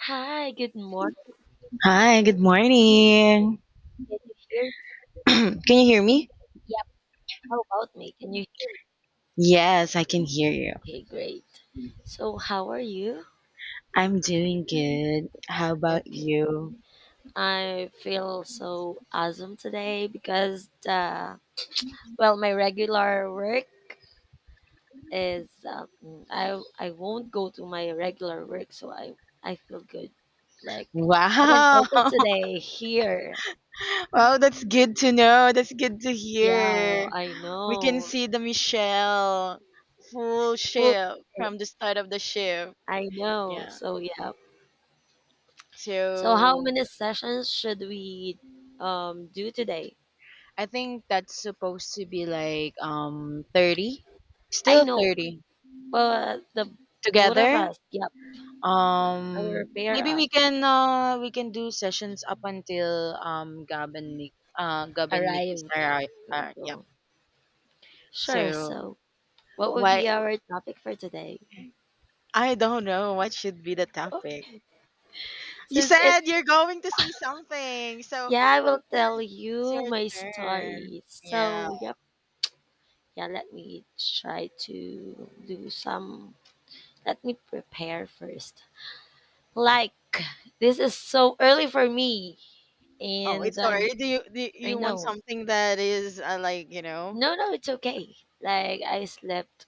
Hi, good morning. Hi, good morning. Can you hear? Can you hear me? Yep, how about me? Can you hear me? Yes, I can hear you. Okay, great. So, how are you? I'm doing good. How about Okay. you? I feel so awesome today because the well, my regular work is I won't go to my regular work, so I feel good. Like I can Wow. focus today here. Wow, that's good to know. That's good to Yeah, hear. I We can know. see the Michelle full Food, shift from the start of the shift. I know. Yeah. So yeah. So how So many sessions should we do today? I think that's supposed to be like 30. I Still know, 30. but the both of Together? us, yep, our pair Maybe up we can do sessions up until Gab and Nick is arrived. arrive. Yeah. So, sure. So So what would why be our topic for today? I don't know what should be the Oh, topic. You since it, said you're going to say something, so yeah, I will it's your, tell it's you your my turn. story. Yeah. So yep, yeah, let me try to do some. Let me prepare first. Like this is so early for me, Oh, and it's sorry. Do you do I you want know. something that is like you know? No, no, it's okay. Like I slept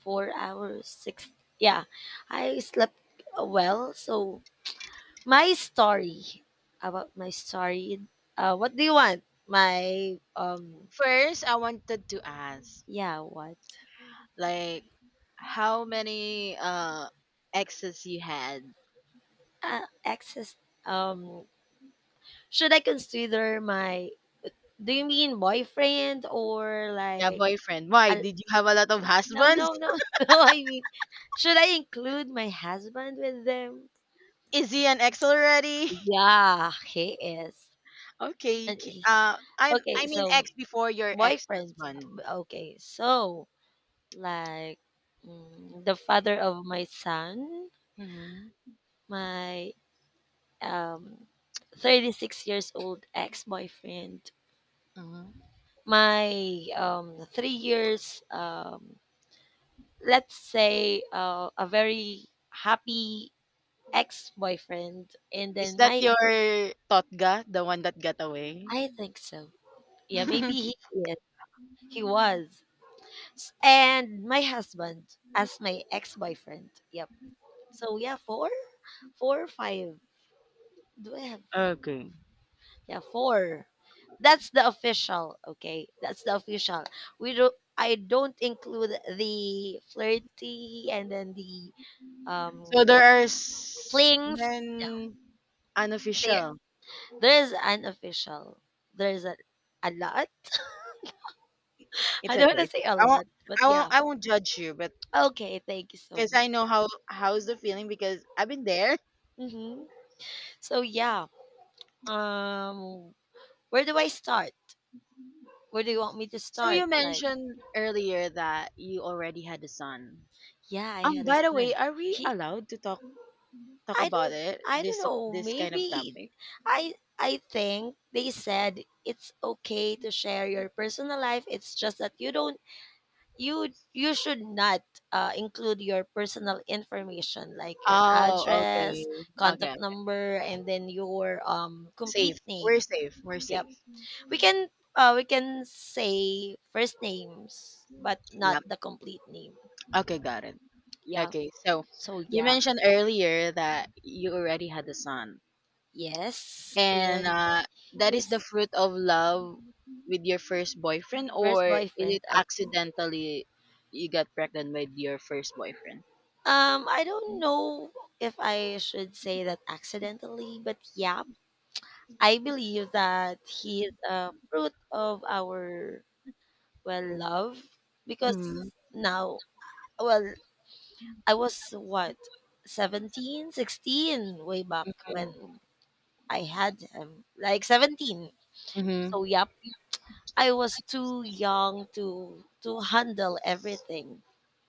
4 hours, six. Yeah, I slept well. So my story about my story. What do you want? My First, I wanted to ask Yeah, what? like how many exes you had. Access. Um, should I consider my? Do you mean boyfriend or Yeah, like? boyfriend. Why? al- Did you have a lot of No, husbands? no, no, no. I mean, should I include my husband with them? Is he an ex already? Yeah, he is. Okay. And I'm I Okay, mean so ex before your ex boyfriend. husband. Okay, so like the father of my son, Mm-hmm. my um, 36 years old ex boyfriend, Uh-huh. my 3 years, let's say a very happy ex boyfriend, and Is then that my, your totga, the one that got away? I think so. Yeah, maybe he is. He was. And my husband as my ex boyfriend. Yep. So yeah, four, four or five. Do I have? Okay. Yeah, four. That's the official. Okay, that's the official. We do. I don't include the flirty and then the um So there are flings. men There, unofficial. there is unofficial. There is a lot. It's I okay. don't want to It's say okay. a I won't. lot, but I yeah. won't. I won't judge you, but Okay, thank you so because much. I know how how's the feeling because I've been there. Hmm. So yeah, um, where do I start? Where do you want me to So start? you Like, mentioned earlier that you already had a son. yeah, I had a By the way, son. are we He allowed to talk I about don't it? I don't This know. this kind of Maybe topic? I think they said it's okay to share your personal life. It's just that you don't, you should not include your personal information like your Oh, okay. address, Okay. contact number, and then your Safe. complete name. We're safe. We're Yep, safe. we can we can say first names but not Yep. the complete name. Okay, got it. Yeah. Okay, so So you yeah. mentioned earlier that you already had a son. Yes, And and that his is the fruit of love with your first boyfriend, first or is boyfriend. it accidentally you got pregnant with your first boyfriend? I don't know if I should say that accidentally, but yeah, I believe that he is a fruit of our, well, love because Mm-hmm. now, well, I was what 17, 16, way back when I had him, like 17. Mm-hmm. So yep, I was too young to handle everything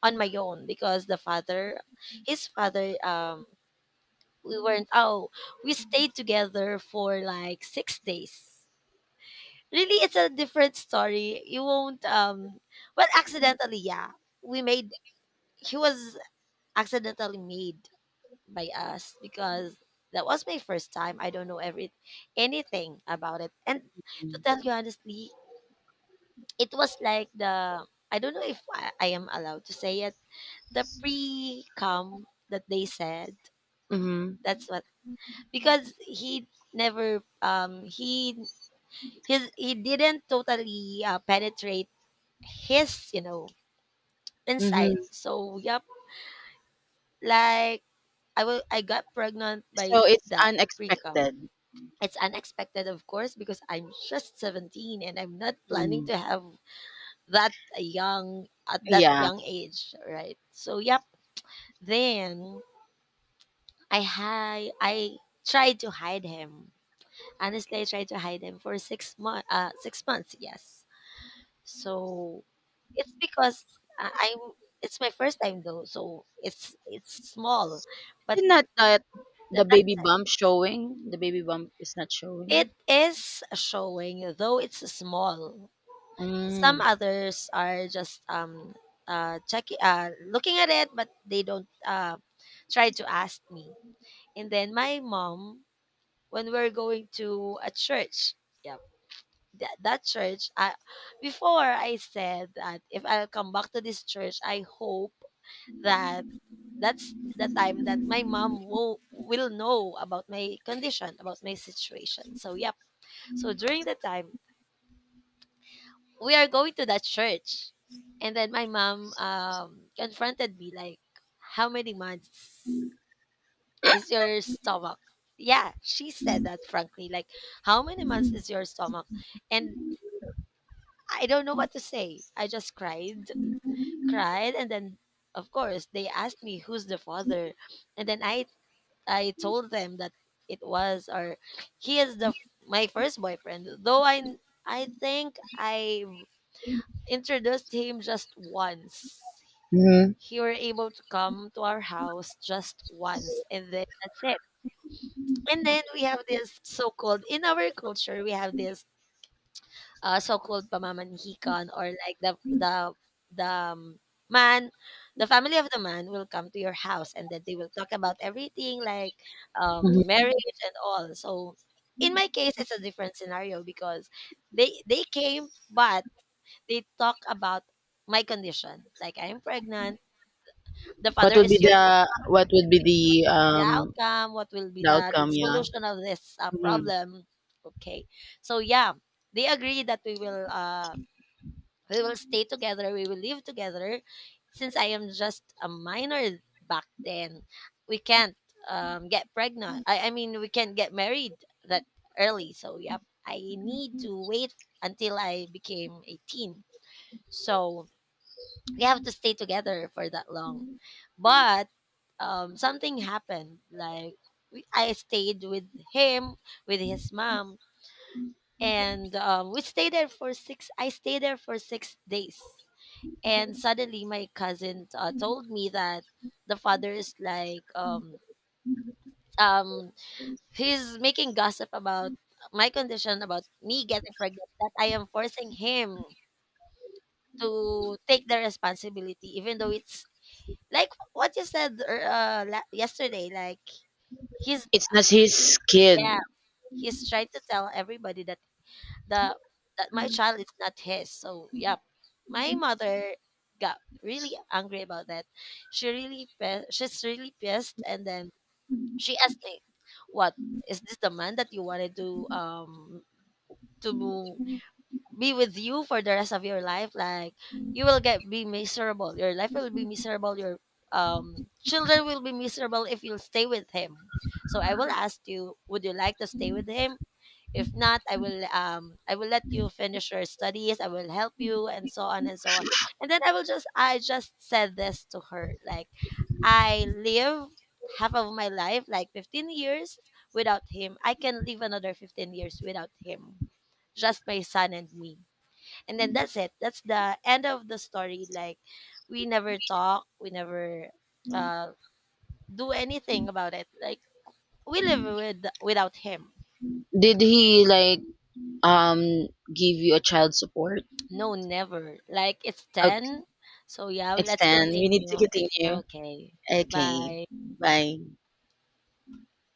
on my own because the father his father, we weren't, oh, we stayed together for like 6 days. Really, it's a different story. You won't, well, accidentally, yeah, we made, he was accidentally made by us because that was my first time. I don't know every anything about it, and to tell you honestly, it was like the i, don't know if I am allowed to say it, the pre cum that they said. Mm-hmm. That's what, because he never, he didn't totally, penetrate his, you know, inside. Mm-hmm. So yep, like I got pregnant So by it's that pre-cum. unexpected. It's unexpected, of course, because I'm just 17 and I'm not planning Mm, to have that young at that yeah. young age, right? So yep. Then I tried to hide him. Honestly, I tried to hide him for 6 months. 6 months, yes. So it's because I- I'm it's my first time though, so it's small, but Is it not that the th- baby bump showing? The baby bump is not it showing? is showing though it's small. Some Mm. others are just checking, looking at it, but they don't try to ask me. And then my mom, when we're going to a church, yeah, that church, before I said that if I'll come back to this church, I hope that that's the time that my mom will know about my condition, about my situation. So yep. So during the time we are going to that church, and then my mom confronted me like, "How many months is your stomach?" Yeah, she said that frankly, like, "How many months is your stomach?" And I don't know what to say. I just cried, cried, and then of course they asked me who's the father, and then I told them that it was, or he is the my first boyfriend. Though I think I introduced him just once. Mhm, He were able to come to our house just once and then that's it. And then we have this so called, in our culture we have this so-called pamamanhikan, or like the man the family of the man will come to your house and then they will talk about everything like mhm. marriage and all. So in my case it's a different scenario because they came, but they talk about my condition like I'm pregnant, the What father would be is your, the what would and be we see the outcome, what will be the the outcome, yeah. solution of this Hmm. problem. Okay, so yeah, they agree that we will stay together. We will live together. Since I am just a minor back then, we can't, get pregnant. I mean, we can't get married that early. So, yeah, I need to wait until I became 18. So, we have to stay together for that long. But something happened. Like, I stayed with him, with his mom, and we stayed there for six. I stayed there for 6 days, and suddenly my cousin told me that the father is like um he's making gossip about my condition, about me getting pregnant, that I am forcing him to take the responsibility, even though it's like what you said yesterday, like he's It's not his kid. yeah he's trying to tell everybody that the that my child is not his. So yeah, my mother got really angry about that. She's really pissed, and then she asked me, "What, is this the man that you wanted to be with you for the rest of your life? Like you will get be miserable. Your life will be miserable. Your children will be miserable if you stay with him." So I will ask you, would you like to stay with him? If not, I will let you finish your studies. I will help you, and so on and so on. And then I just said this to her like I live half of my life like 15 years without him. I can live another 15 years without him. Just my son and me. And then that's it. That's the end of the story, like we never talk, we never uh do anything about it. Like we live without him. Did he, like, um, give you a child support? No, never. Like it's Ok, 10. So yeah, it's let's 10. We need to continue. continue. Okay. Okay, Bye. bye.